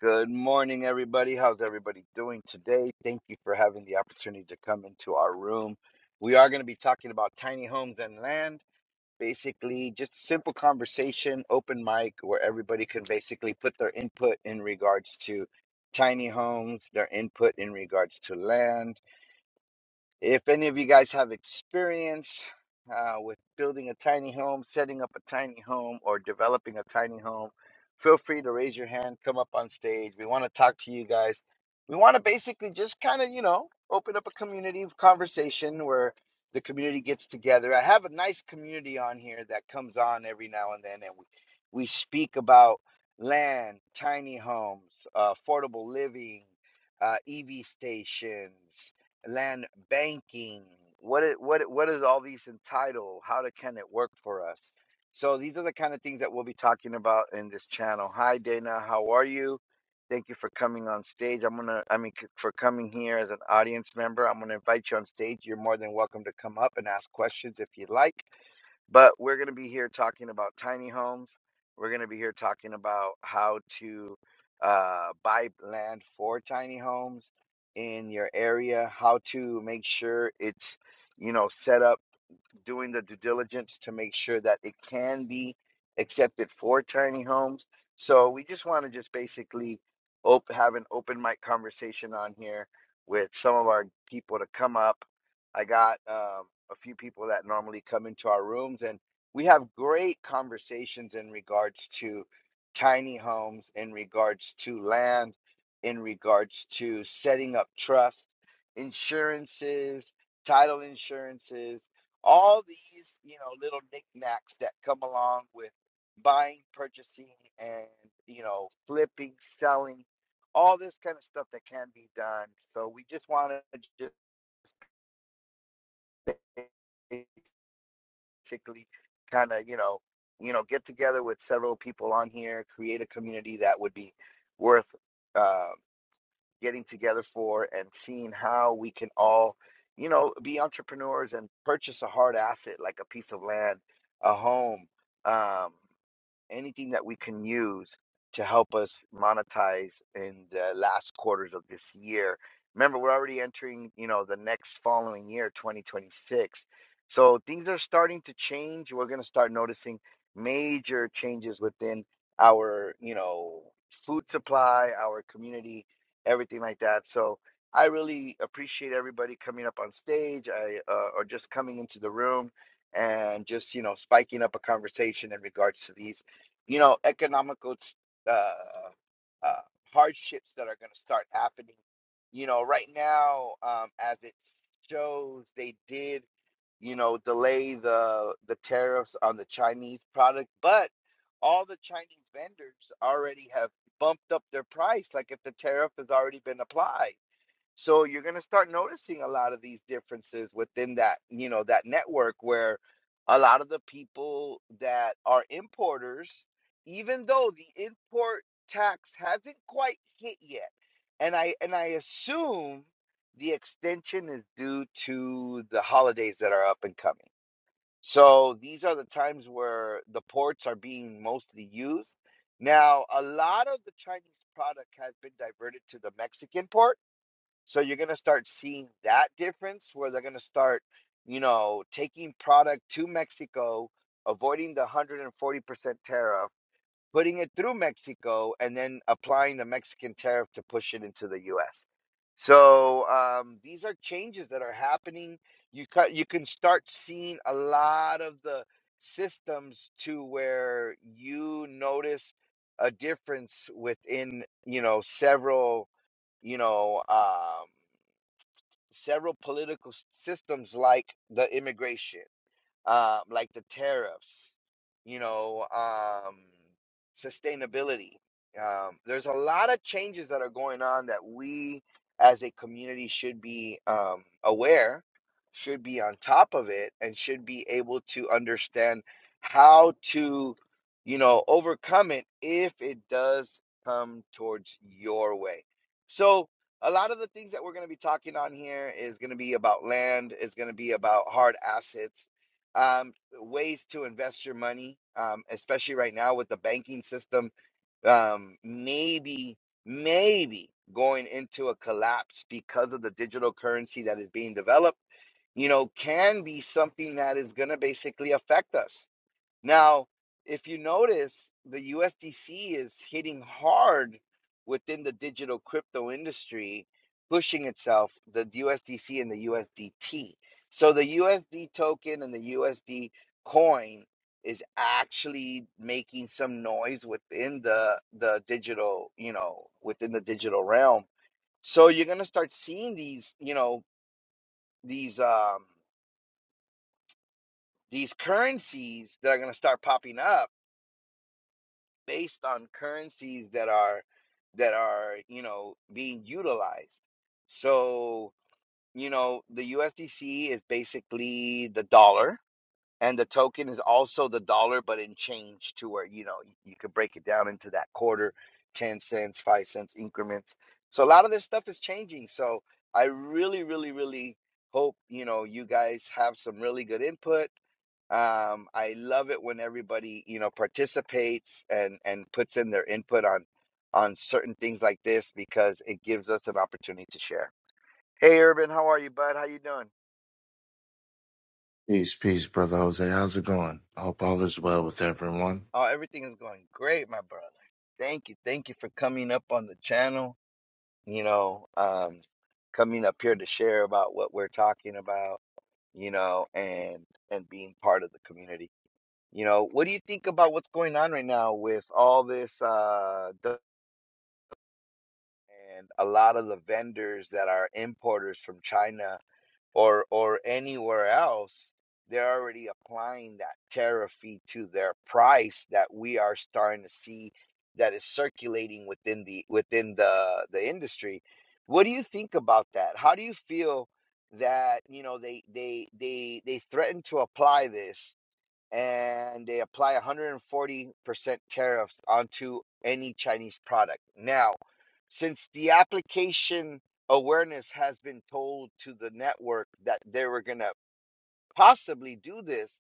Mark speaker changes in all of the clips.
Speaker 1: Good morning, everybody. How's everybody doing today? Thank you for having the opportunity to come into our room. We are going to be talking about tiny homes and land. Basically, just a simple conversation, open mic, where everybody can basically put their input in regards to tiny homes, their input in regards to land if any of you guys have experience uh, with building a tiny home, setting up a tiny home, or developing a tiny home, feel free to raise your hand, come up on stage. We want to talk to you guys. We want to basically just kind of, you know, open up a community of conversation where the community gets together. I have a nice community on here that comes on every now and then, and we, we speak about land, tiny homes, uh, affordable living, uh, EV stations land banking. What it, what it- what is all these entitle? How to, can it work for us? So these are the kind of things that we'll be talking about in this channel. Hi Dana, how are you? Thank you for coming on stage. I'm gonna, I mean, c- for coming here as an audience member. I'm gonna invite you on stage. You're more than welcome to come up and ask questions if you like. But we're going to be here talking about tiny homes. We're going to be here talking about how to uh, buy land for tiny homes in your area, how to make sure it's, you know, set up doing the due diligence to make sure that it can be accepted for tiny homes. So we just want to just basically op- have an open mic conversation on here with some of our people to come up. I got um, a few people that normally come into our rooms, and we have great conversations in regards to tiny homes, in regards to land, in regards to setting up trust, insurances, title insurances all these you know little knickknacks that come along with buying purchasing and you know flipping selling all this kind of stuff that can be done so we just want to just basically kind of you know you know get together with several people on here create a community that would be worth uh, getting together for and seeing how we can all, you know, be entrepreneurs and purchase a hard asset like a piece of land, a home. Um, anything that we can use to help us monetize in the last quarters of this year. Remember, we're already entering, you know, the next following year, 2026. So things are starting to change. We're going to start noticing major changes within our, you know, food supply, our community, everything like that. So I really appreciate everybody coming up on stage I, uh, or just coming into the room and just, you know, spiking up a conversation in regards to these you know, economical uh, uh, hardships that are going to start happening. You know, right now, um, as it shows, they did, you know, delay the the tariffs on the Chinese product, but all the Chinese vendors already have bumped up their price. Like if the tariff has already been applied. So you're going to start noticing a lot of these differences within that, you know, that network where a lot of the people that are importers, even though the import tax hasn't quite hit yet, and I and I assume the extension is due to the holidays that are up and coming. So these are the times where the ports are being mostly used. Now, a lot of the Chinese product has been diverted to the Mexican port so you're going to start seeing that difference where they're going to start, you know, taking product to Mexico, avoiding the 140% tariff, putting it through Mexico, and then applying the Mexican tariff to push it into the US. So um, these are changes that are happening. You cut, you can start seeing a lot of the systems to where you notice a difference within, you know, several, you know, um, several political systems like the immigration uh, like the tariffs, you know, um, sustainability. Um, there's a lot of changes that are going on that we as a community should be um, aware, should be on top of it, and should be able to understand how to, you know, overcome it if it does come towards your way. So, a lot of the things that we're going to be talking on here is going to be about land, is going to be about hard assets, um, ways to invest your money, um, especially right now with the banking system, um, maybe, maybe going into a collapse because of the digital currency that is being developed, you know, can be something that is going to basically affect us now, if you notice, the USDC is hitting hard within the digital crypto industry, pushing itself, the USDC and the USDT. So the USD token and the USD coin is actually making some noise within the the digital, you know, within the digital realm. So you're going to start seeing these, you know, these um these currencies that are going to start popping up based on currencies that are that are you know being utilized so you know the USDC is basically the dollar and the token is also the dollar but in change to where you know you, you could break it down into that quarter 10 cents 5 cents increments so a lot of this stuff is changing so i really really really hope you know you guys have some really good input um, I love it when everybody, you know, participates and and puts in their input on on certain things like this because it gives us an opportunity to share. Hey, Urban, how are you, bud? How you doing?
Speaker 2: Peace, peace, brother Jose. How's it going? I hope all is well with everyone.
Speaker 1: Oh, everything is going great, my brother. Thank you, thank you for coming up on the channel. You know, um, coming up here to share about what we're talking about. You know, and and being part of the community. You know, what do you think about what's going on right now with all this uh and a lot of the vendors that are importers from China or or anywhere else, they're already applying that tariff fee to their price that we are starting to see that is circulating within the within the the industry. What do you think about that? How do you feel that you know they they they they threaten to apply this and they apply 140% tariffs onto any Chinese product. Now, since the application awareness has been told to the network that they were going to possibly do this,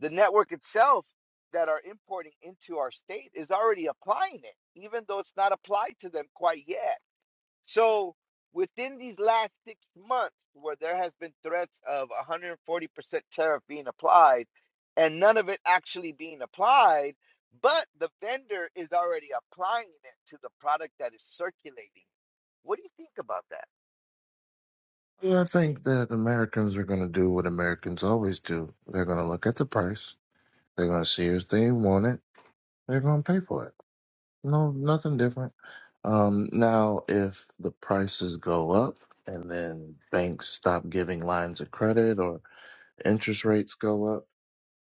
Speaker 1: the network itself that are importing into our state is already applying it, even though it's not applied to them quite yet. So within these last six months, where there has been threats of 140% tariff being applied, and none of it actually being applied, but the vendor is already applying it to the product that is circulating. What do you think about that?
Speaker 2: Yeah, I think that Americans are going to do what Americans always do. They're going to look at the price. They're going to see if they want it. They're going to pay for it. No, nothing different. Um, now, if the prices go up and then banks stop giving lines of credit or interest rates go up,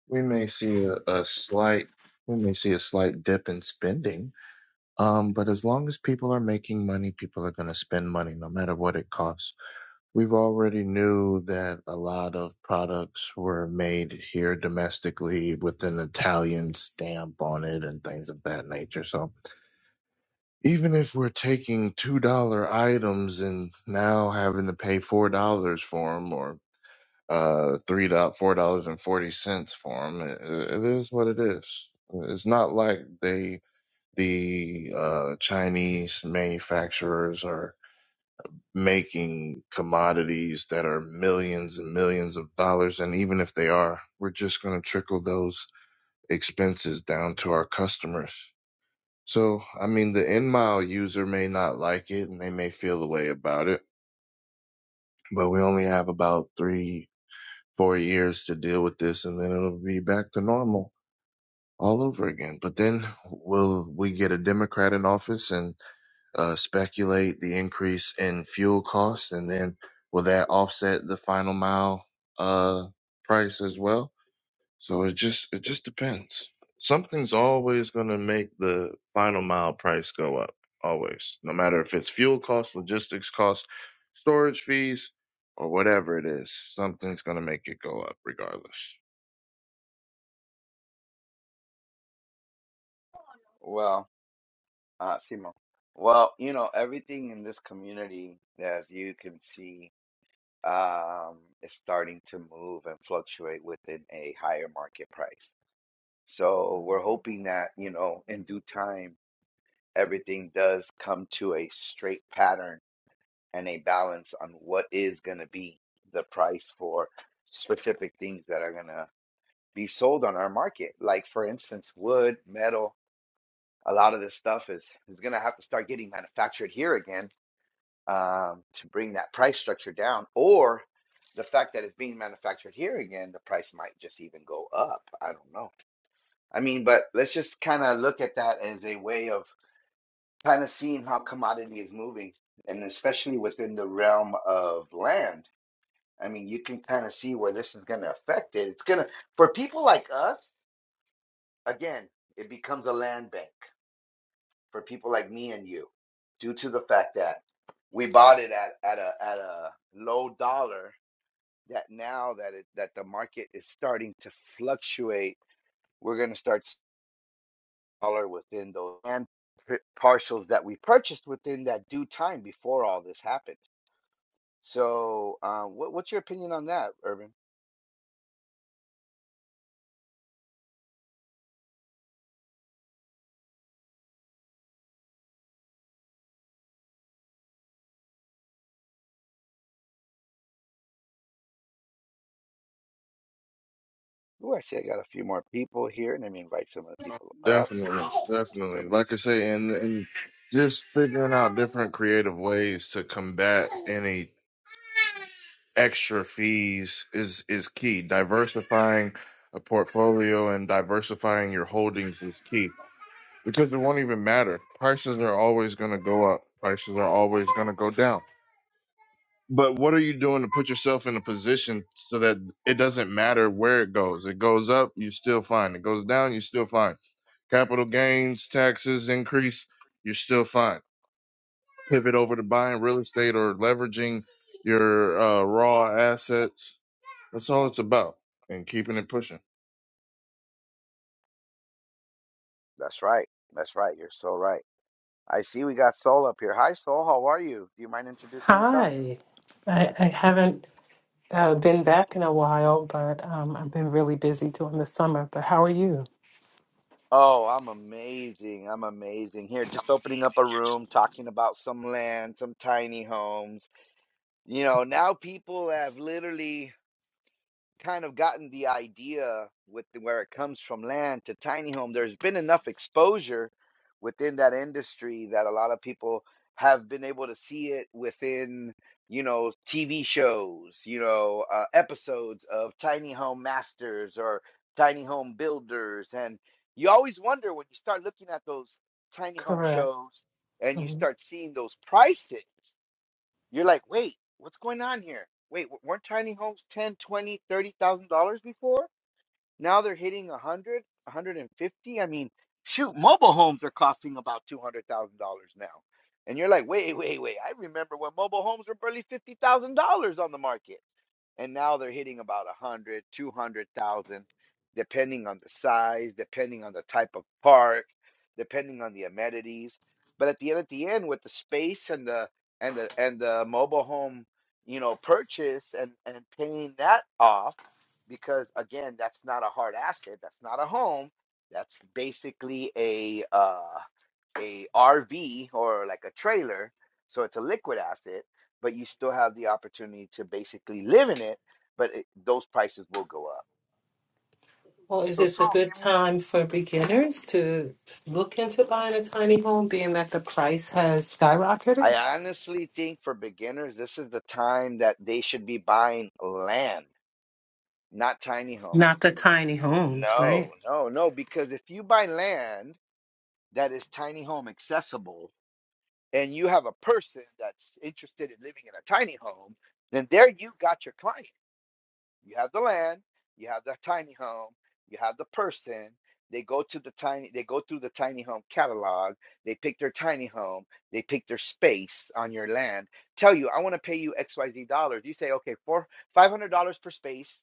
Speaker 2: we may see a, a slight we may see a slight dip in spending Um, but as long as people are making money, people are going to spend money no matter what it costs. We've already knew that a lot of products were made here domestically with an Italian stamp on it and things of that nature. So even if we're taking $2 items and now having to pay $4 for them or uh, three dollars, four dollars and forty cents for them. It, it is what it is. It's not like they the uh, Chinese manufacturers are making commodities that are millions and millions of dollars. And even if they are, we're just going to trickle those expenses down to our customers. So, I mean, the end mile user may not like it and they may feel a way about it, but we only have about three, four years to deal with this and then it'll be back to normal all over again. But then will we get a Democrat in office and uh, speculate the increase in fuel costs, and then will that offset the final mile uh, price as well? So it just it just depends. Something's always going to make the final mile price go up, always, no matter if it's fuel costs, logistics costs, storage fees, or whatever it is. Something's going to make it go up regardless.
Speaker 1: Well, uh, Simo. Well, you know, everything in this community, as you can see, um, is starting to move and fluctuate within a higher market price. So we're hoping that, you know, in due time, everything does come to a straight pattern and a balance on what is going to be the price for specific things that are going to be sold on our market. Like, for instance, wood, metal, a lot of this stuff is, is going to have to start getting manufactured here again um, to bring that price structure down. Or the fact that it's being manufactured here again, the price might just even go up. I don't know I mean, but let's just kind of look at that as a way of kind of seeing how commodity is moving, and especially within the realm of land. I mean, you can kind of see where this is going to affect it. It's going to, for people like us, again, it becomes a land bank for people like me and you, due to the fact that we bought it at, at a at a low dollar. That now that it that the market is starting to fluctuate, we're going to start dollar within those land parcels that we purchased within that due time before all this happened. So, uh, what, what's your opinion on that, Urban? Ooh, I see I got a few more people here. Let me invite some of the people up
Speaker 2: Definitely,
Speaker 1: to
Speaker 2: definitely.
Speaker 1: come and
Speaker 2: Like I
Speaker 1: see.
Speaker 2: say, and and just figuring out different creative ways to combat any extra fees is is key. Diversifying a portfolio and diversifying your holdings is key because it won't even matter. Prices are always going to go up. Prices are always going to go down. But what are you doing to put yourself in a position so that it doesn't matter where it goes? It goes up, you still fine. It goes down, you still fine. Capital gains taxes increase, you're still fine. Pivot over to buying real estate or leveraging your uh, raw assets that's all it's about, and keeping it pushing.
Speaker 1: That's right. That's right. You're so right. I see we got Soul up here. Hi, Soul. How are you? Do you mind introducing yourself?
Speaker 3: Hi. I, I haven't uh, been back in a while, but um, I've been really busy during the summer. But how are you?
Speaker 1: Oh, I'm amazing. I'm amazing. Here, just opening up a room, talking about some land, some tiny homes. You know, now people have literally kind of gotten the idea with the, where it comes from land to tiny home there's been enough exposure within that industry that a lot of people have been able to see it within you know tv shows you know uh, episodes of tiny home masters or tiny home builders and you always wonder when you start looking at those tiny home
Speaker 3: Correct.
Speaker 1: shows and you
Speaker 3: Mhm.
Speaker 1: start seeing those prices you're like, wait, what's going on here? Wait, w- weren't tiny homes 10, 20, 30,000 dollars before? Now they're hitting 100, a 150. I mean, shoot, mobile homes are costing about $200,000 now. And you're like, wait, wait, wait. I remember when mobile homes were barely $50,000 on the market and now they're hitting about a hundred, two hundred thousand, depending on the size depending on the type of park depending on the amenities but at the end at the end with the space and the and the and the mobile home you know purchase and and paying that off because again that's not a hard asset that's not a home that's basically a uh, a RV or like a trailer, so it's a liquid asset, but you still have the opportunity to basically live in it, but it, those prices will go up.
Speaker 3: Well, is
Speaker 1: So,
Speaker 3: this
Speaker 1: so
Speaker 3: a good
Speaker 1: give me.
Speaker 3: time for beginners to look into buying a tiny home, being that the price has skyrocketed?
Speaker 1: I honestly think for beginners, this is the time that they should be buying land, not tiny homes.
Speaker 3: Not the tiny homes,
Speaker 1: No,
Speaker 3: right?
Speaker 1: no, no, because if you buy land that is tiny home accessible and you have a person that's interested in living in a tiny home, then there you got your client You have the land, you have the tiny home, you have the person. They go to the tiny they go through the tiny home catalog, they pick their tiny home, they pick their space on your land, tell you, I want to pay you XYZ dollars. You say, okay, four five hundred dollars per space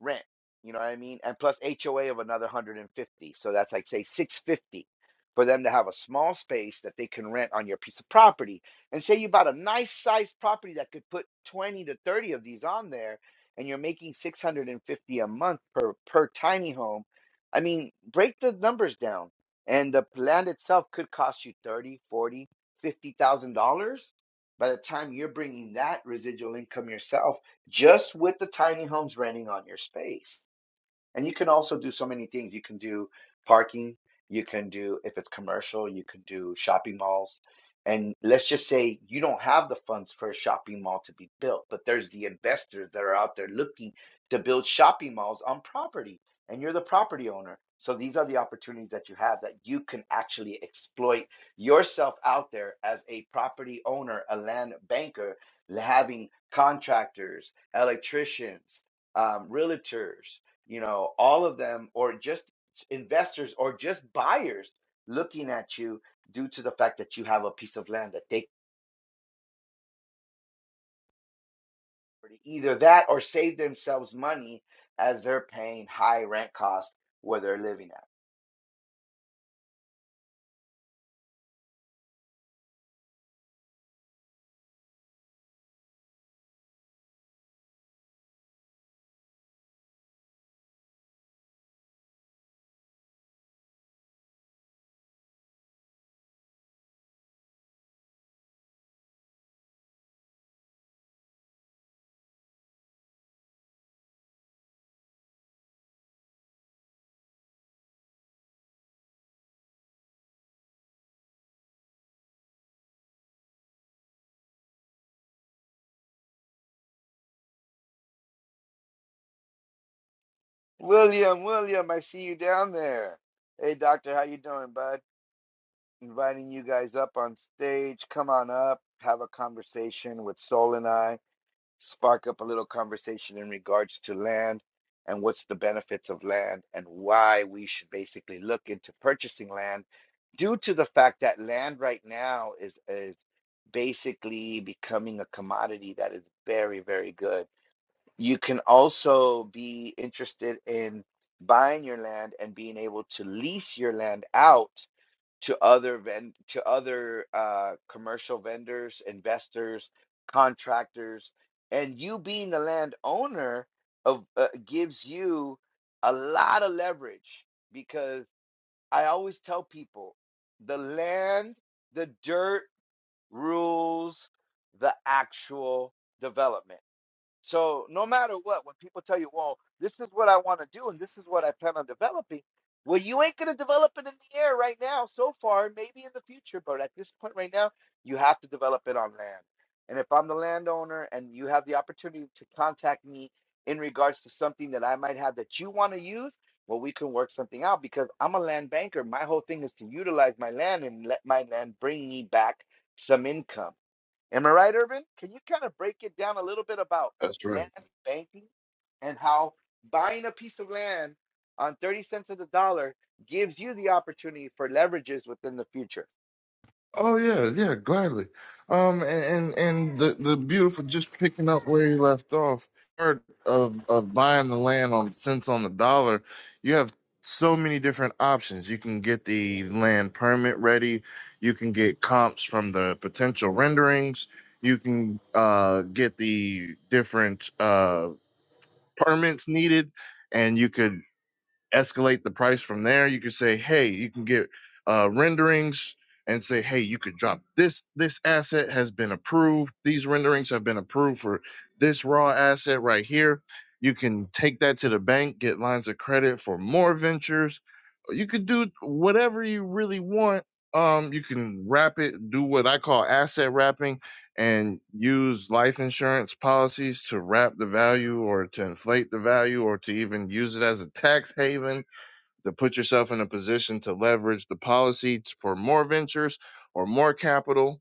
Speaker 1: rent. You know what I mean? And plus HOA of another 150. So that's like say 650 for them to have a small space that they can rent on your piece of property. And say you bought a nice sized property that could put 20 to 30 of these on there and you're making 650 a month per per tiny home. I mean, break the numbers down. And the land itself could cost you 30, 40, 50,000 dollars. By the time you're bringing that residual income yourself just with the tiny homes renting on your space. And you can also do so many things. You can do parking, you can do, if it's commercial, you can do shopping malls. And let's just say you don't have the funds for a shopping mall to be built, but there's the investors that are out there looking to build shopping malls on property, and you're the property owner. So these are the opportunities that you have that you can actually exploit yourself out there as a property owner, a land banker, having contractors, electricians, um, realtors, you know, all of them, or just investors or just buyers looking at you due to the fact that you have a piece of land that they either that or save themselves money as they're paying high rent costs where they're living at. William, William, I see you down there. Hey, doctor, how you doing, bud? Inviting you guys up on stage. Come on up, have a conversation with Sol and I. spark up a little conversation in regards to land and what's the benefits of land and why we should basically look into purchasing land due to the fact that land right now is is basically becoming a commodity that is very, very good. You can also be interested in buying your land and being able to lease your land out to other vend to other uh, commercial vendors, investors, contractors, and you being the landowner of uh, gives you a lot of leverage because I always tell people the land, the dirt rules the actual development so no matter what, when people tell you, well, this is what I want to do and this is what I plan on developing, well, you ain't gonna develop it in the air right now, so far, maybe in the future, but at this point right now, you have to develop it on land. And if I'm the landowner and you have the opportunity to contact me in regards to something that I might have that you want to use, well, we can work something out because I'm a land banker. My whole thing is to utilize my land and let my land bring me back some income. Am I right, Urban? Can you kind of break it down a little bit about
Speaker 2: That's right.
Speaker 1: land banking and how buying a piece of land on 30 cents of the dollar gives you the opportunity for leverages within the future?
Speaker 2: Oh yeah, yeah, gladly. Um, and and, and the the beautiful, just picking up where you left off. Part of of buying the land on cents on the dollar, you have so many different options. You can get the land permit ready. You can get comps from the potential renderings. You can uh, get the different uh, permits needed, and you could escalate the price from there. You could say, hey, you can get uh, renderings and say, hey, you could drop this. This asset has been approved. These renderings have been approved for this raw asset right here. You can take that to the bank, get lines of credit for more ventures. You could do whatever you really want. Um, you can wrap it, do what I call asset wrapping and use life insurance policies to wrap the value or to inflate the value or to even use it as a tax haven to put yourself in a position to leverage the policy t- for more ventures or more capital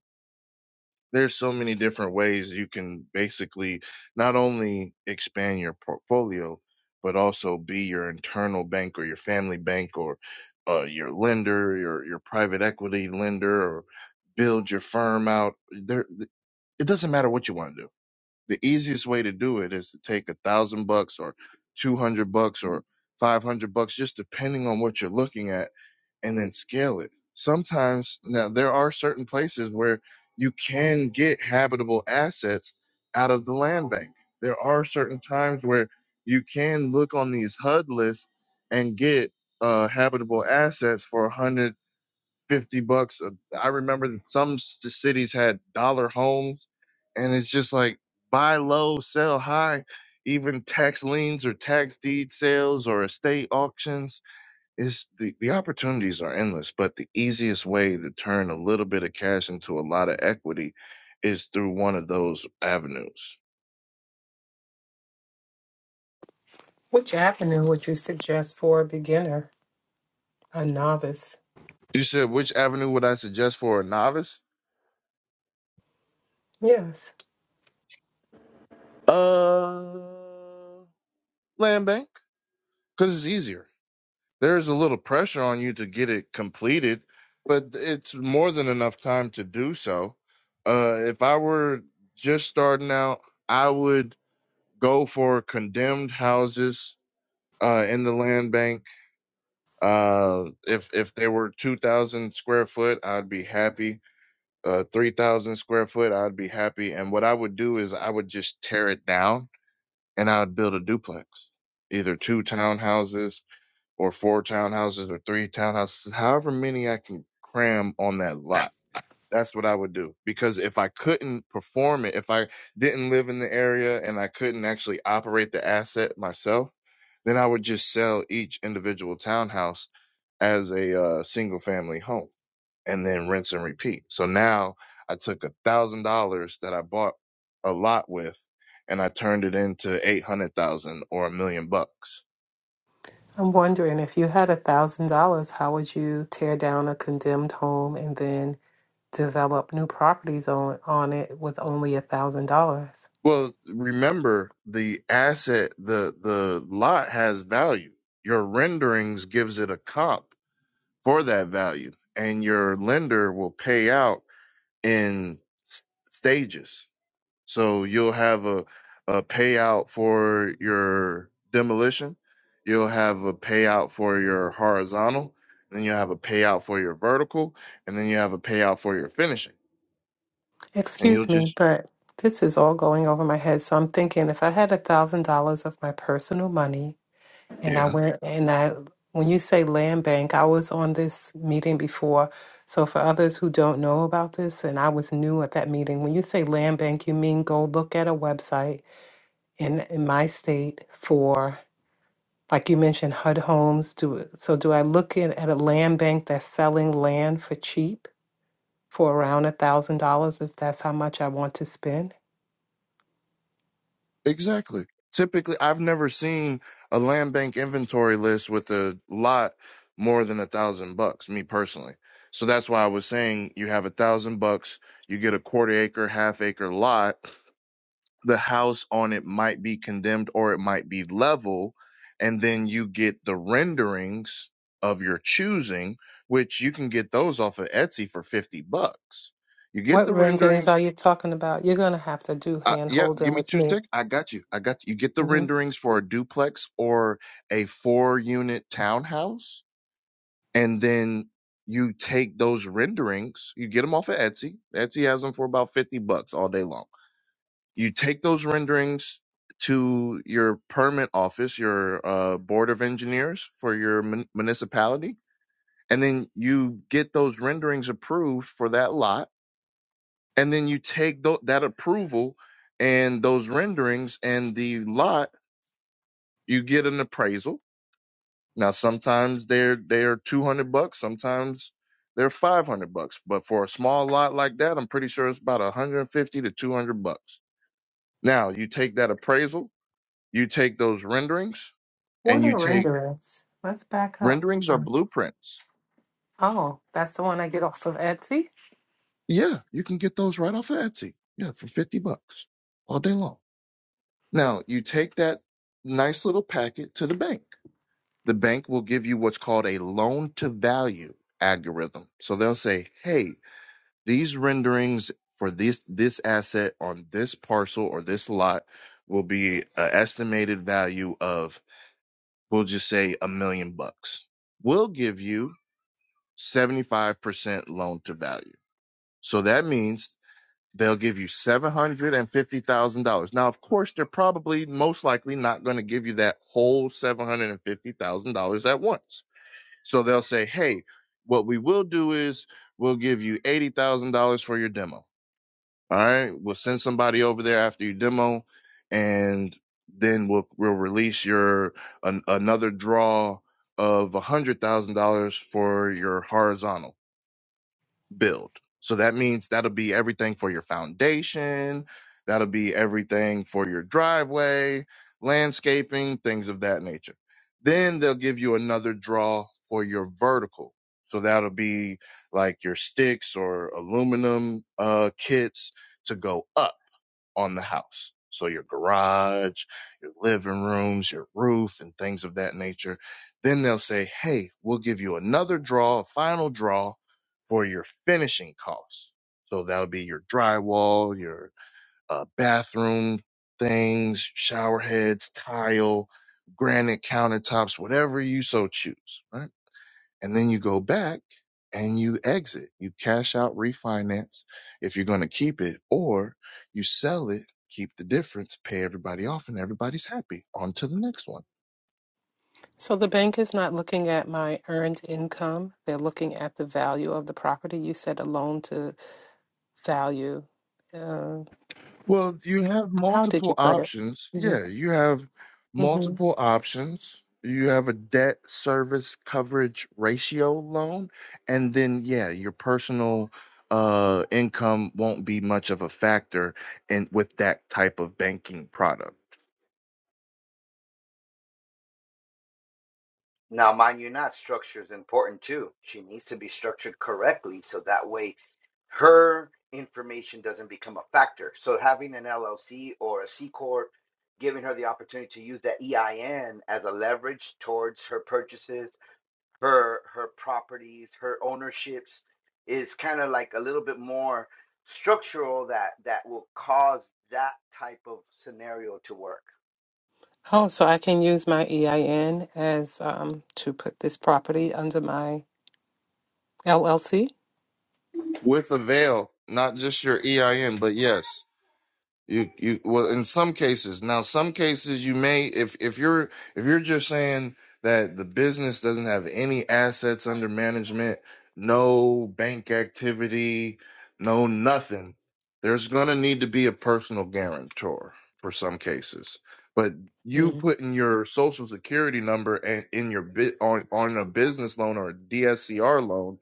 Speaker 2: there's so many different ways you can basically not only expand your portfolio but also be your internal bank or your family bank or uh, your lender your your private equity lender or build your firm out there it doesn't matter what you want to do the easiest way to do it is to take a thousand bucks or 200 bucks or 500 bucks just depending on what you're looking at and then scale it sometimes now there are certain places where you can get habitable assets out of the land bank there are certain times where you can look on these hud lists and get uh, habitable assets for 100 50 bucks. uh, I remember that some s- cities had dollar homes, and it's just like buy low, sell high. Even tax liens or tax deed sales or estate auctions is the, the opportunities are endless. But the easiest way to turn a little bit of cash into a lot of equity is through one of those avenues.
Speaker 3: Which avenue would you suggest for a beginner, a novice?
Speaker 2: You said which avenue would I suggest for a novice?
Speaker 3: Yes.
Speaker 2: Uh, land bank, because it's easier there's a little pressure on you to get it completed, but it's more than enough time to do so. Uh, if I were just starting out, I would go for condemned houses uh, in the land bank. Uh, if if they were two thousand square foot, I'd be happy. Uh, three thousand square foot, I'd be happy. And what I would do is I would just tear it down and I would build a duplex, either two townhouses or four townhouses or three townhouses, however many I can cram on that lot. That's what I would do. Because if I couldn't perform it, if I didn't live in the area and I couldn't actually operate the asset myself, then I would just sell each individual townhouse as a uh, single family home and then rinse and repeat. So now I took a thousand dollars that I bought a lot with and I turned it into 800,000 or a million bucks
Speaker 3: I'm wondering if you had a thousand dollars, how would you tear down a condemned home and then develop new properties on on it with only a thousand dollars.
Speaker 2: Well, remember the asset, the the lot has value. Your renderings gives it a comp for that value, and your lender will pay out in s- stages. So you'll have a a payout for your demolition, you'll have a payout for your horizontal, then you'll have a payout for your vertical, and then you have a payout for your finishing. And you'll
Speaker 3: Excuse me,
Speaker 2: just
Speaker 3: but this is all going over my head. So I'm thinking if I had a thousand dollars of my personal money and I
Speaker 2: yeah.
Speaker 3: went and I when you say land bank, I was on this meeting before. So for others who don't know about this, and I was new at that meeting, when you say land bank, you mean go look at a website in in my state for like you mentioned HUD homes do so do I look in at a land bank that's selling land for cheap for around a thousand dollars if that's how much I want to spend?
Speaker 2: Exactly. Typically, I've never seen a land bank inventory list with a lot more than a thousand bucks, me personally. So that's why I was saying you have a thousand bucks, you get a quarter acre, half acre lot. The house on it might be condemned or it might be level. And then you get the renderings of your choosing, which you can get those off of Etsy for 50 bucks. You get
Speaker 3: What
Speaker 2: the renderings,
Speaker 3: renderings are you talking about? You're gonna have to do
Speaker 2: uh,
Speaker 3: hand
Speaker 2: yep,
Speaker 3: holding
Speaker 2: give me
Speaker 3: with
Speaker 2: two
Speaker 3: me.
Speaker 2: sticks. I got you. I got you. You get the
Speaker 3: hmm
Speaker 2: renderings for a duplex or a four unit townhouse, and then you take those renderings. You get them off of Etsy. Etsy has them for about 50 bucks all day long. You take those renderings to your permit office, your uh, board of engineers for your mun- municipality, and then you get those renderings approved for that lot and then you take tho- that approval and those renderings and the lot you get an appraisal now sometimes they're they're 200 bucks sometimes they're 500 bucks but for a small lot like that i'm pretty sure it's about 150 to 200 bucks now you take that appraisal you take those renderings
Speaker 3: What
Speaker 2: and you
Speaker 3: are
Speaker 2: take
Speaker 3: renderings? Let's back up.
Speaker 2: renderings or
Speaker 3: Um,
Speaker 2: blueprints
Speaker 3: Oh, that's the one I get off of Etsy.
Speaker 2: yeah you can get those right off of etsy yeah for 50 bucks all day long now you take that nice little packet to the bank the bank will give you what's called a loan to value algorithm. So they'll say, hey, these renderings for this this asset on this parcel or this lot will be an estimated value of we'll just say a million bucks. We'll give you 75% loan to value. So that means they'll give you $750,000. Now, of course, they're probably most likely not going to give you that whole $750,000 at once so they'll say, hey, what we will do is we'll give you $80,000 for your demo. All right. We'll send somebody over there after your demo and then we'll, we'll release your an, another draw of $100,000 for your horizontal build. So that means that'll be everything for your foundation, that'll be everything for your driveway, landscaping, things of that nature. Then they'll give you another draw for your vertical. So that'll be like your sticks or aluminum uh, kits to go up on the house. So your garage, your living rooms, your roof, and things of that nature. Then they'll say, hey, we'll give you another draw, a final draw for your finishing costs. So that'll be your drywall, your uh, bathroom things, shower heads, tile, granite countertops, whatever you so choose, right? and then you go back and you exit. You cash out, refinance if you're going to keep it, or you sell it, keep the difference, pay everybody off, and everybody's happy. On to the next one.
Speaker 3: So the bank is not looking at my earned income; they're looking at the value of the property. You said a loan to value.
Speaker 2: Well, you have
Speaker 3: How did
Speaker 2: multiple
Speaker 3: you put it?
Speaker 2: options.
Speaker 3: hmm
Speaker 2: Yeah, you have
Speaker 3: hmm
Speaker 2: multiple options. You have a debt service coverage ratio loan, and then, yeah, your personal uh income won't be much of a factor in with that type of banking product
Speaker 1: Now, mind you, not structure is important too. She needs to be structured correctly so that way her information doesn't become a factor. So having an LLC or a C corp, giving her the opportunity to use that EIN as a leverage towards her purchases her her properties, her ownerships is kind of like a little bit more structural that that will cause that type of scenario to work.
Speaker 3: Oh, so I can use my EIN as um, to put this property under my LLC?
Speaker 2: with a veil, not just your EIN, but yes, you you well in some cases. Now, some cases you may if if you're if you're just saying that the business doesn't have any assets under management, no bank activity, no nothing, there's gonna need to be a personal guarantor for some cases. But you
Speaker 3: Mm.
Speaker 2: putting your social security number and in your bit on on a business loan or a DSCR loan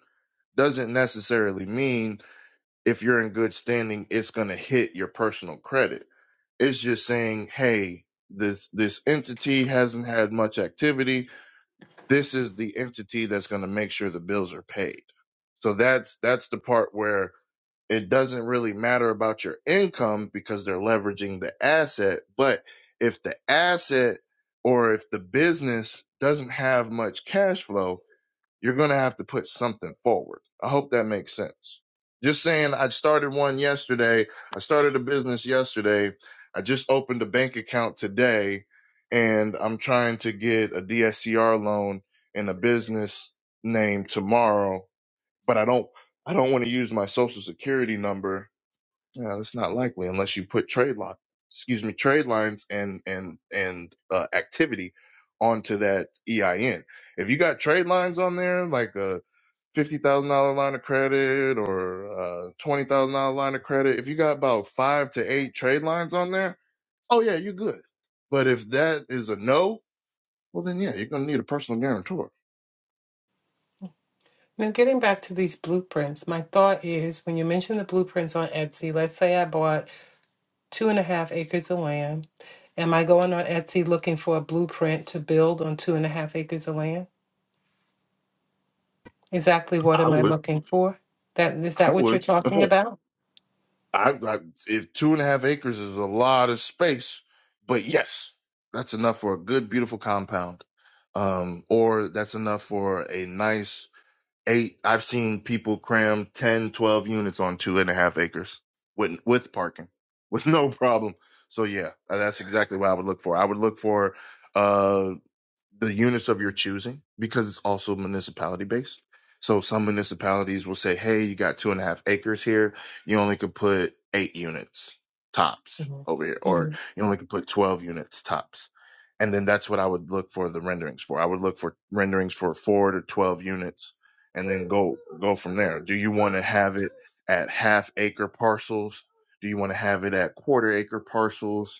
Speaker 2: doesn't necessarily mean if you're in good standing, it's going to hit your personal credit. It's just saying, hey, this this entity hasn't had much activity. This is the entity that's going to make sure the bills are paid. So that's that's the part where it doesn't really matter about your income because they're leveraging the asset, but if the asset or if the business doesn't have much cash flow, you're going to have to put something forward. I hope that makes sense. Just saying, I started one yesterday. I started a business yesterday. I just opened a bank account today and I'm trying to get a DSCR loan and a business name tomorrow, but I don't, I don't want to use my social security number. Yeah, that's not likely unless you put trade lock, excuse me, trade lines and, and, and, uh, activity onto that EIN if you got trade lines on there, like uh, fifty thousand dollar line of credit or uh, twenty thousand dollar line of credit, if you got about five to eight trade lines on there, oh yeah, you're good. But if that is a no, well then yeah, you're gonna need a personal guarantor.
Speaker 3: Now, getting back to these blueprints, my thought is when you mention the blueprints on Etsy, let's say I bought two and a half acres of land. Am I going on Etsy looking for a blueprint to build on two and a half acres of land? Exactly what
Speaker 2: I
Speaker 3: am I
Speaker 2: would,
Speaker 3: looking for? That is
Speaker 2: I
Speaker 3: that what you're
Speaker 2: would.
Speaker 3: talking
Speaker 2: I,
Speaker 3: about?
Speaker 2: I if two and a half acres is a lot of space, but yes, that's enough for a good, beautiful compound, um, or that's enough for a nice eight i've seen people cram 10, 12 units on two and a half acres with with parking with no problem so yeah that's exactly what i would look for i would look for uh, the units of your choosing because it's also municipality based. So some municipalities will say, hey, you got two and a half acres here. You only could put eight units tops over here, or
Speaker 3: hmm
Speaker 2: you only could put 12 units tops. And then that's what I would look for the renderings for. I would look for renderings for four to 12 units and then go, go from there. Do you want to have it at half acre parcels? Do you want to have it at quarter acre parcels?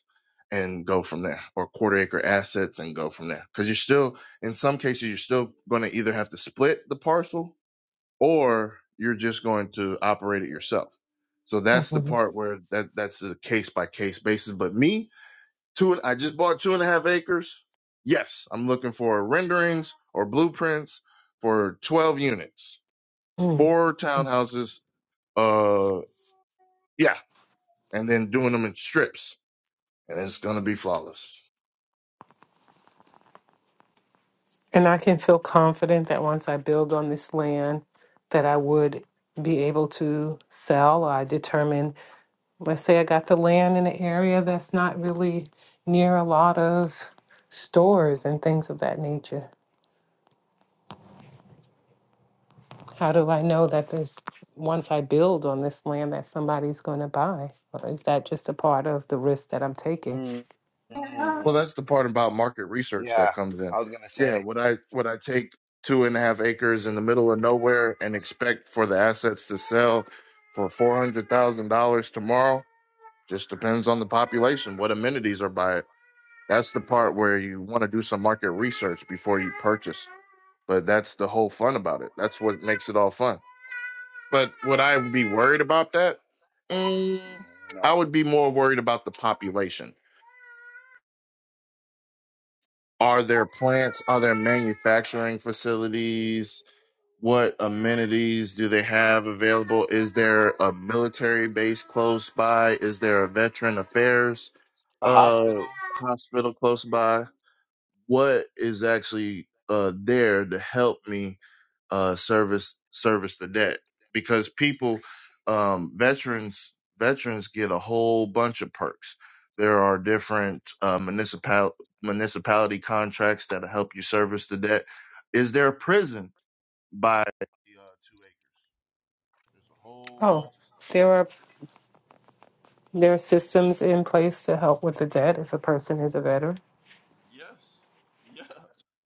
Speaker 2: and go from there or quarter acre assets and go from there because you're still in some cases you're still going to either have to split the parcel or you're just going to operate it yourself so that's the
Speaker 3: hmm
Speaker 2: part where that that's a case by case basis but me two i just bought two and a half acres yes i'm looking for renderings or blueprints for 12 units four townhouses uh yeah and then doing them in strips and it's going to be flawless
Speaker 3: And I can feel confident that once I build on this land, that I would be able to sell. I determine, let's say I got the land in an area that's not really near a lot of stores and things of that nature. How do I know that this, once I build on this land, that somebody's going to buy? Or is that just a part of the risk that I'm taking?
Speaker 1: Mm, mm,
Speaker 2: Well, that's the part about market research
Speaker 1: yeah,
Speaker 2: that comes in.
Speaker 1: I was gonna say.
Speaker 2: Yeah, would I would I take two and a half acres in the middle of nowhere and expect for the assets to sell for four hundred thousand dollars tomorrow? Just depends on the population, what amenities are by it. That's the
Speaker 1: Yeah.
Speaker 2: part where you want to do some market research before you purchase. But that's the whole fun about it. That's what makes it all fun. But would I be worried about that? Mm, I
Speaker 1: No.
Speaker 2: would be more worried about the population Are there plants? Are there manufacturing facilities? What amenities do they have available? Is there a military base close by? Is there a veteran affairs
Speaker 1: A
Speaker 2: uh,
Speaker 1: hospital,
Speaker 2: hospital close by? What is actually uh, there to help me uh, service service the debt because people um, veterans veterans get a whole bunch of perks. There are different uh, municipal municipality contracts that'll help you service the debt. Is there a prison by uh, two acres? There's a whole bunch of
Speaker 3: Oh,
Speaker 2: stuff.
Speaker 3: there are there are systems in place to help with the debt if a person is a veteran.
Speaker 2: Yes. Yeah.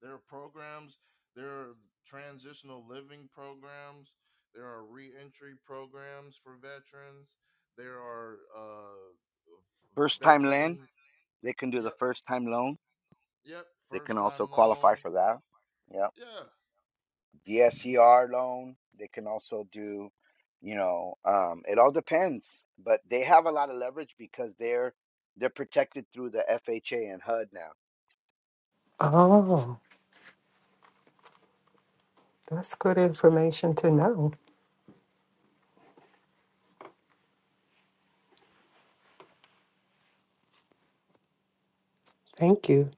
Speaker 2: There are programs, there are transitional living programs, there are reentry programs for veterans, there are uh
Speaker 1: first time lend,
Speaker 2: veteran
Speaker 1: they can do the
Speaker 2: yep,
Speaker 1: first time loan.
Speaker 2: yep,
Speaker 1: They can
Speaker 2: first time
Speaker 1: also
Speaker 2: loan.
Speaker 1: qualify for that. Yeah.
Speaker 2: Yeah.
Speaker 1: DSCR loan. They can also do, you know, um, it all depends. But they have a lot of leverage because they're they're protected through the FHA and HUD now.
Speaker 3: Oh. That's good information to know. Thank you.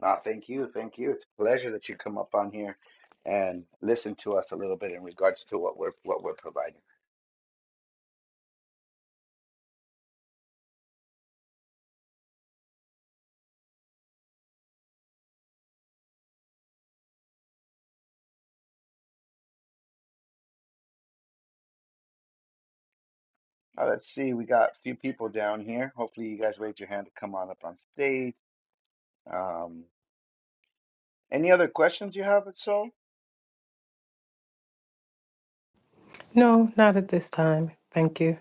Speaker 1: Now, No, thank you, thank you. It's a pleasure that you come up on here and listen to us a little bit in regards to what we're what we're providing. Now, let's see. We got a few people down here. Hopefully, you guys raise your hand to come on up on stage. Um, any other questions you have at so?
Speaker 3: No, not at this time. Thank you.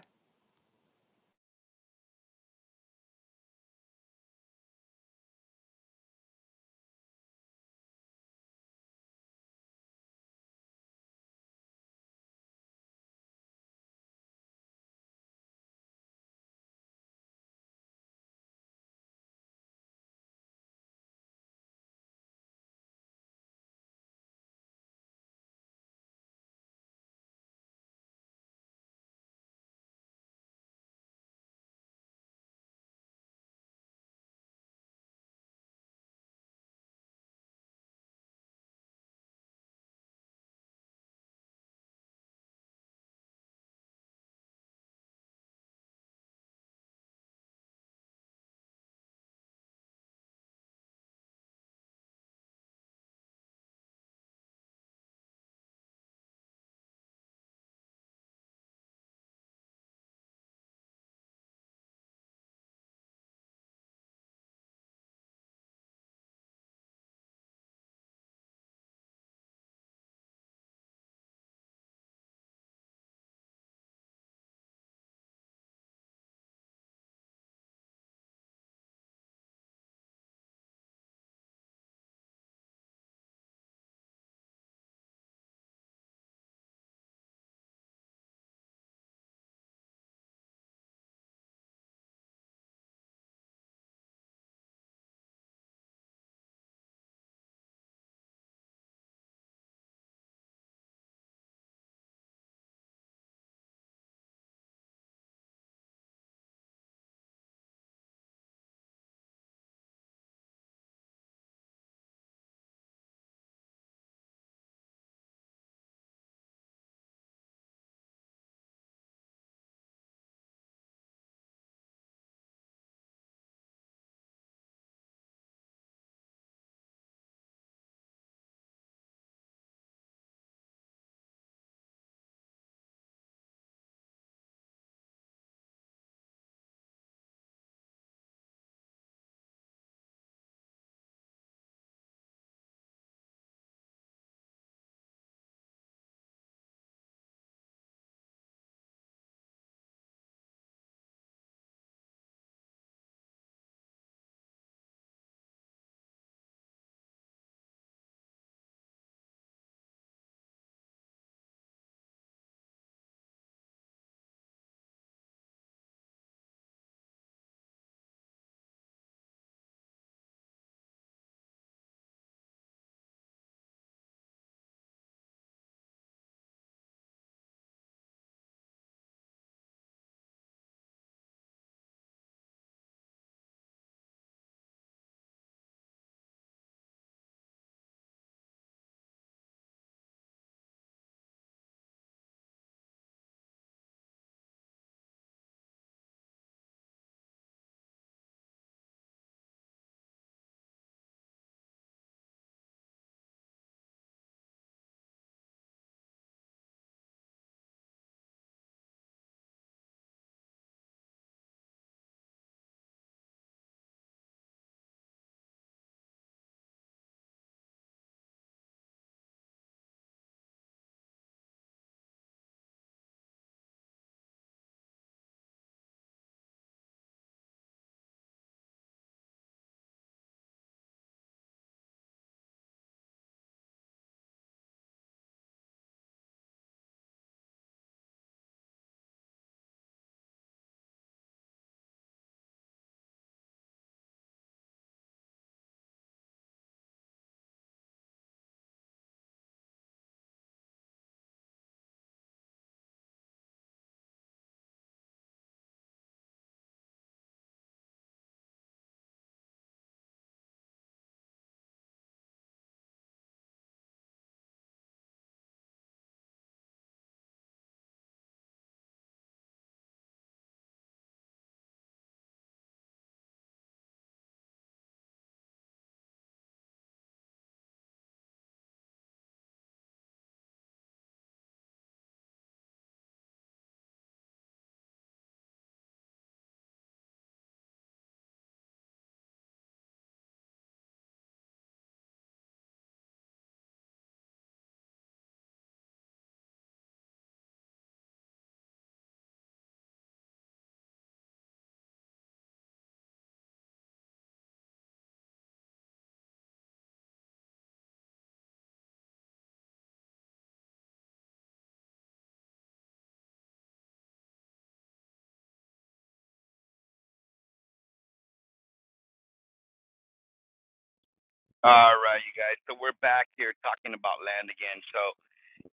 Speaker 1: All right, you guys. So we're back here talking about land again. So.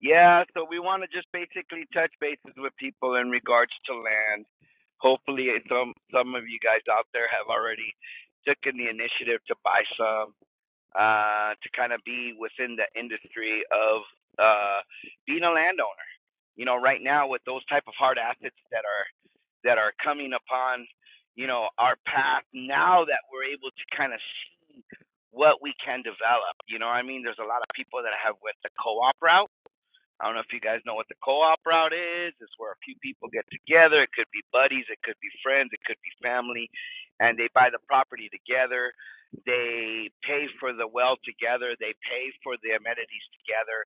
Speaker 1: Yeah, so we want to just basically touch bases with people in regards to land. Hopefully, eh, some some of you guys out there have already taken the initiative to buy some, uh, to kind of be within the industry of uh, being a landowner. You know, right now with those type of hard assets that are that are coming upon, you know, our path now that we're able to kind of see what we can develop. You know, what I mean, there's a lot of people that have went the co-op route I don't know if you guys know what the co-op route is. It's where a few people get together. It could be buddies, it could be friends, it could be family, and they buy the property together. They pay for the well together. They pay for the amenities together,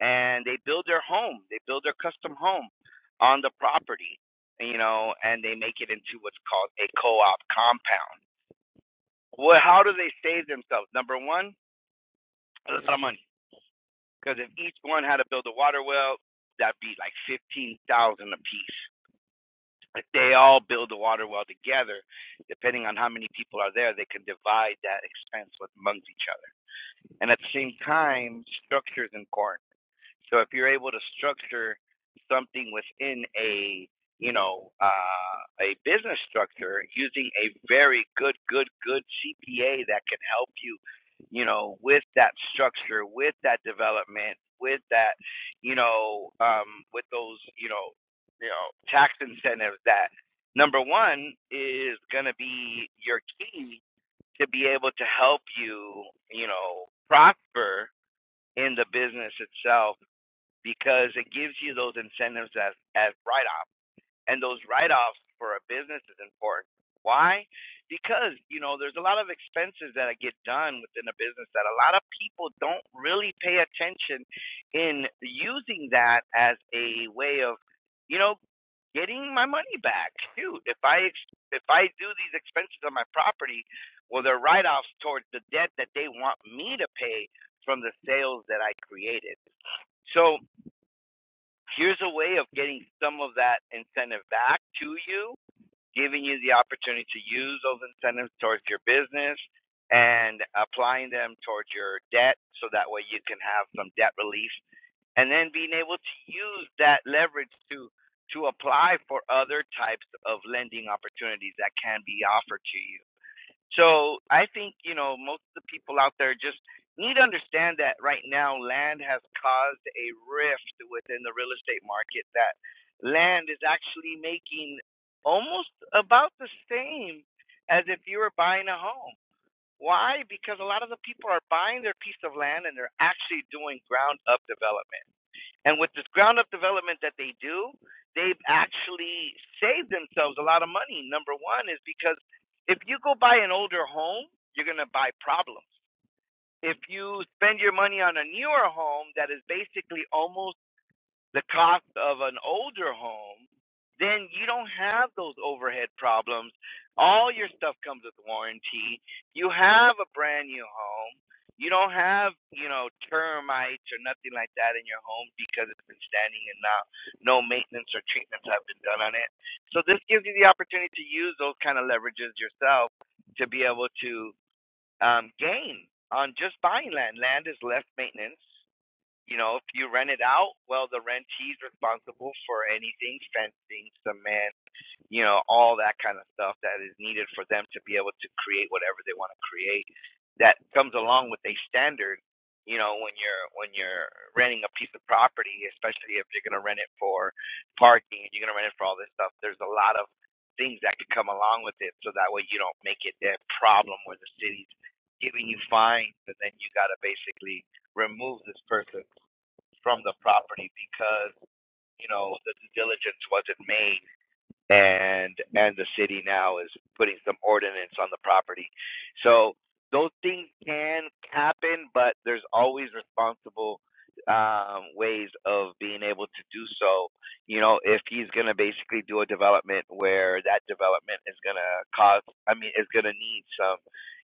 Speaker 1: and they build their home. They build their custom home on the property, you know, and they make it into what's called a co-op compound. Well, how do they save themselves? Number one, a lot of money because if each one had to build a water well, that'd be like fifteen thousand a piece. If they all build a water well together, depending on how many people are there, they can divide that expense amongst each other. And at the same time, structures in corn. So if you're able to structure something within a you know uh, a business structure using a very good good good CPA that can help you you know with that structure with that development with that you know um, with those you know you know tax incentives that number one is going to be your key to be able to help you you know prosper in the business itself because it gives you those incentives as, as write offs. And those write offs for a business is important. Why? Because, you know, there's a lot of expenses that get done within a business that a lot of people don't really pay attention in using that as a way of, you know, getting my money back. Shoot, if I ex- if I do these expenses on my property, well they're write offs towards the debt that they want me to pay from the sales that I created. So here's a way of getting some of that incentive back to you, giving you the opportunity to use those incentives towards your business and applying them towards your debt so that way you can have some debt relief and then being able to use that leverage to to apply for other types of lending opportunities that can be offered to you so I think, you know, most of the people out there just need to understand that right now land has caused a rift within the real estate market that land is actually making almost about the same as if you were buying a home. Why? Because a lot of the people are buying their piece of land and they're actually doing ground up development. And with this ground up development that they do, they've actually saved themselves a lot of money. Number one is because if you go buy an older home, you're going to buy problems. If you spend your money on a newer home that is basically almost the cost of an older home, then you don't have those overhead problems. All your stuff comes with warranty. You have a brand new home. You don't have, you know, termites or nothing like that in your home because it's been standing and not no maintenance or treatments have been done on it. So this gives you the opportunity to use those kind of leverages yourself to be able to um, gain on just buying land. Land is less maintenance you know, if you rent it out, well, the rentee's responsible for anything, fencing, cement, you know, all that kind of stuff that is needed for them to be able to create whatever they want to create. That comes along with a standard, you know, when you're when you're renting a piece of property, especially if you're gonna rent it for parking you're gonna rent it for all this, a lot of these really rooms from, you know, the man, man putting so those things can happen, but always responsible. uh, of to do so, you know, if he's going to basically do a development where that development is going to cause, I mean, is going to need some,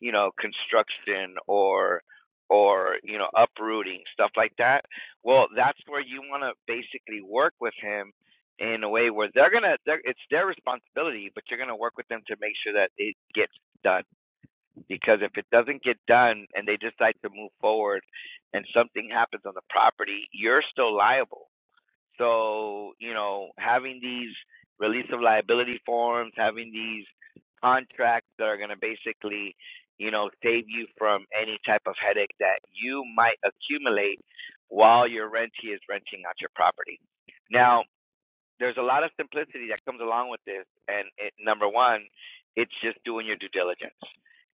Speaker 1: you know, construction or, or, you know, uprooting, stuff like that. Well, that's where you want to basically work with him in a way where they're going to, it's their responsibility, but you're going to work with them to make sure that it gets done. Because if it doesn't get done and they decide to move forward and something happens on the property, you're still liable so, you know, having these release of liability forms, having these contracts that are going to basically, you know, save you from any type of headache that you might accumulate while your rentee is renting out your property. Now, there's a lot of simplicity that comes along with this. And it, number one, it's just doing your due diligence,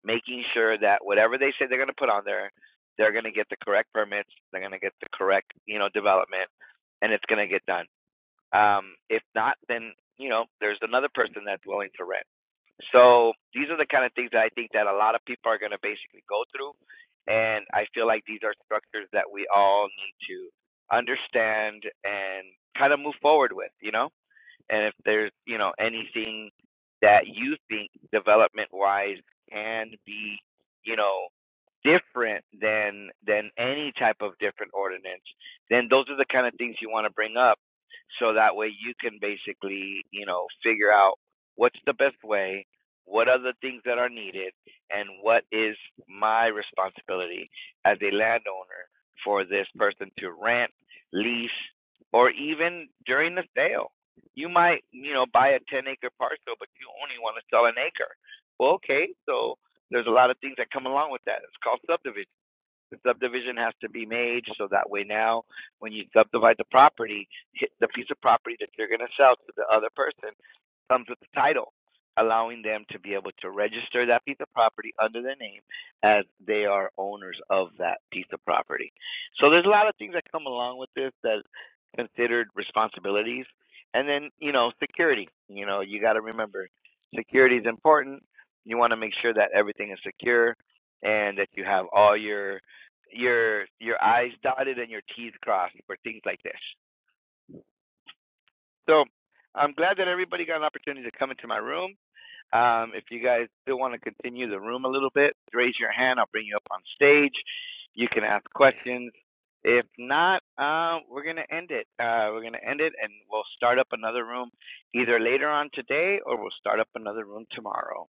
Speaker 1: making sure that whatever they say they're going to put on there, they're going to get the correct permits, they're going to get the correct, you know, development, and it's going to get done um, if not, then you know there's another person that's willing to rent. So these are the kind of things that I think that a lot of people are going to basically go through, and I feel like these are structures that we all need to understand and kind of move forward with, you know. And if there's you know anything that you think development wise can be, you know different than than any type of different ordinance, then those are the kind of things you want to bring up, so that way you can basically you know figure out what's the best way, what are the things that are needed, and what is my responsibility as a landowner for this person to rent, lease, or even during the sale. You might you know buy a ten acre parcel, but you only want to sell an acre. Well, okay, so there's a lot of things that come along with that. It's called subdivision. The subdivision has to be made so that way now, when you subdivide the property, hit the piece of property that you're going to sell to the other person comes with the title, allowing them to be able to register that piece of property under their name as they are owners of that piece of property. So there's a lot of things that come along with this that considered responsibilities. And then, you know, security. You know, you got to remember security is important. You want to make sure that everything is secure and that you have all your your your I's dotted and your T's crossed for things like this. So I'm glad that everybody got an opportunity to come into my room. Um, if you guys still want to continue the room a little bit, raise your hand. I'll bring you up on stage. You can ask questions. If not, uh, we're going to end it. Uh, we're going to end it and we'll start up another room either later on today or we'll start up another room tomorrow.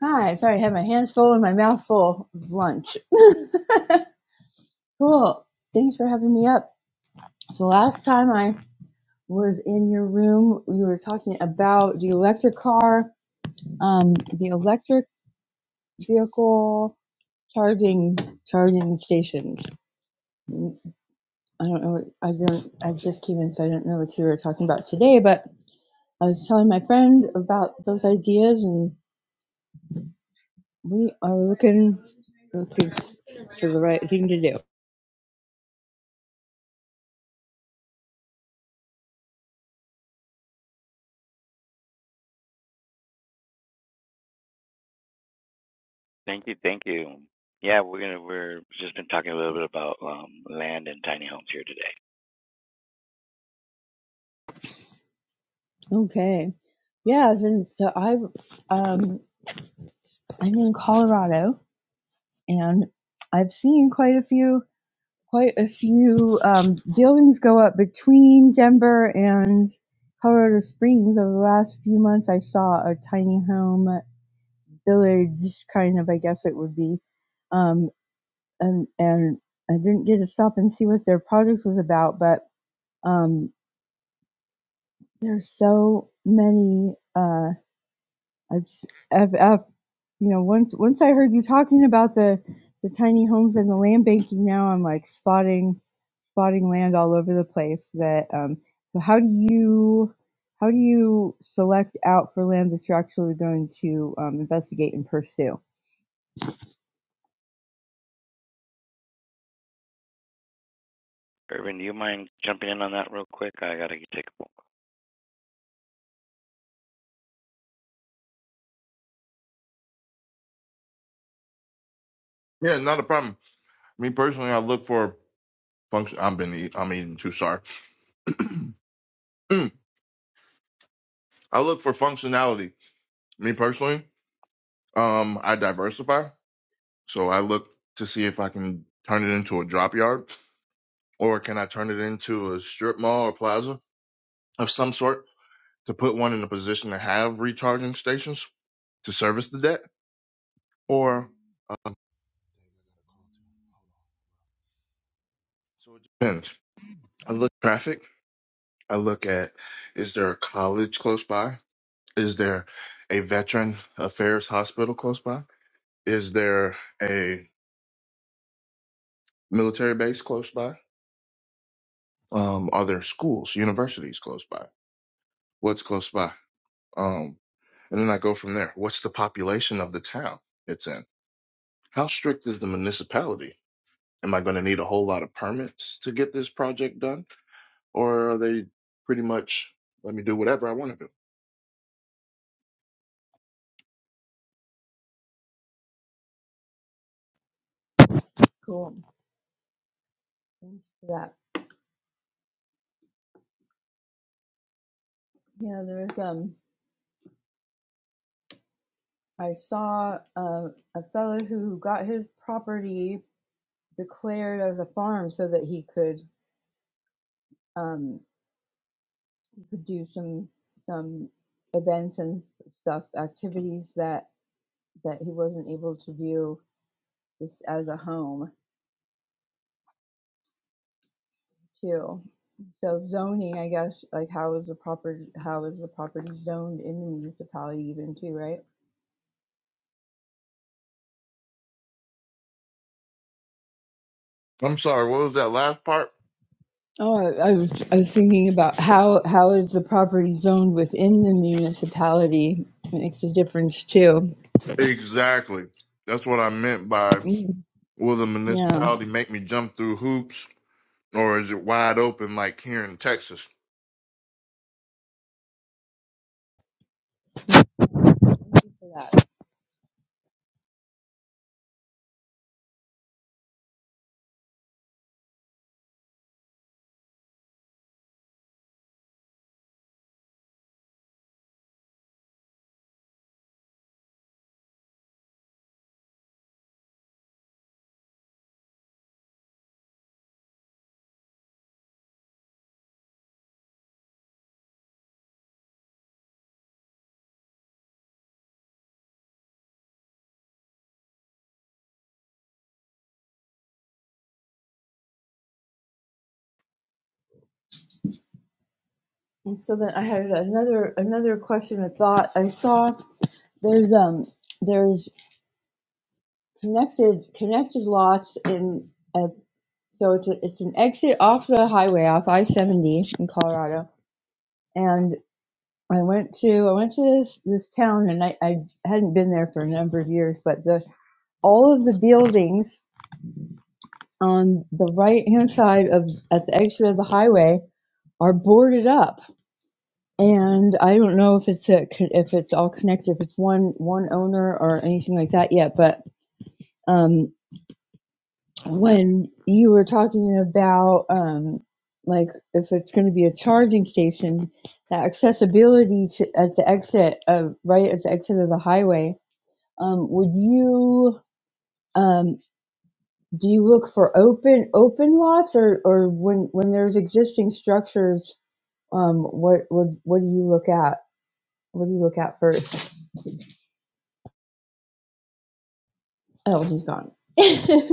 Speaker 4: Hi, sorry, I had my hands full and my mouth full of lunch. cool. Thanks for having me up. So last time I was in your room, we were talking about the electric car, um, the electric vehicle charging charging stations. I don't know. What, I don't. I just came in, so I don't know what you were talking about today. But I was telling my friend about those ideas, and we are looking looking for the right thing to do.
Speaker 1: Thank you. Thank you. Yeah, we're gonna we're just been talking a little bit about um, land and tiny homes here today.
Speaker 4: Okay. Yeah, and so I've um I'm in Colorado and I've seen quite a few quite a few um buildings go up between Denver and Colorado Springs over the last few months. I saw a tiny home village kind of I guess it would be. Um and and I didn't get to stop and see what their project was about, but um there's so many uh I've, s- I've, I've you know once once I heard you talking about the the tiny homes and the land banking now I'm like spotting spotting land all over the place that um so how do you how do you select out for land that you're actually going to um, investigate and pursue
Speaker 1: Irvin, do you mind jumping in on that real quick? I gotta take a
Speaker 2: Yeah, not a problem. Me personally, I look for function. I'm been eat- I'm eating too. Sorry. Mm. I look for functionality. Me personally, um, I diversify, so I look to see if I can turn it into a drop yard. Or can I turn it into a strip mall or plaza of some sort to put one in a position to have recharging stations to service the debt? Or um, so it depends. I look at traffic. I look at is there a college close by? Is there a veteran affairs hospital close by? Is there a military base close by? Um, are there schools, universities close by? What's close by? Um, and then I go from there. What's the population of the town it's in? How strict is the municipality? Am I going to need a whole lot of permits to get this project done? Or are they pretty much let me do whatever I want to do?
Speaker 4: Cool. Thanks for that. Yeah, there was um I saw uh, a fellow who got his property declared as a farm so that he could um he could do some some events and stuff activities that that he wasn't able to do just as a home too. So zoning, I guess, like how is the property how is the property zoned in the municipality even too, right?
Speaker 2: I'm sorry, what was that last part?
Speaker 4: Oh, I I was, I was thinking about how how is the property zoned within the municipality makes a difference too.
Speaker 2: Exactly. That's what I meant by
Speaker 4: Mm,
Speaker 2: will the
Speaker 4: Yeah.
Speaker 2: municipality make me jump through hoops or is it wide open like here in Texas?
Speaker 4: for that. And so then I had another another question. I thought I saw there's um there's connected connected lots in uh, so it's a, it's an exit off the highway off I seventy in Colorado, and I went to I went to this this town and I I hadn't been there for a number of years, but the all of the buildings on the right hand side of at the exit of the highway are boarded up and i don't know if it's a, if it's all connected if it's one one owner or anything like that yet but um when you were talking about um like if it's going to be a charging station the accessibility to, at the exit of right at the exit of the highway um would you um, Do you look for open open lots, or or when when there's existing structures? Um, what what what do you look at? What do you look at first? Oh, he's gone.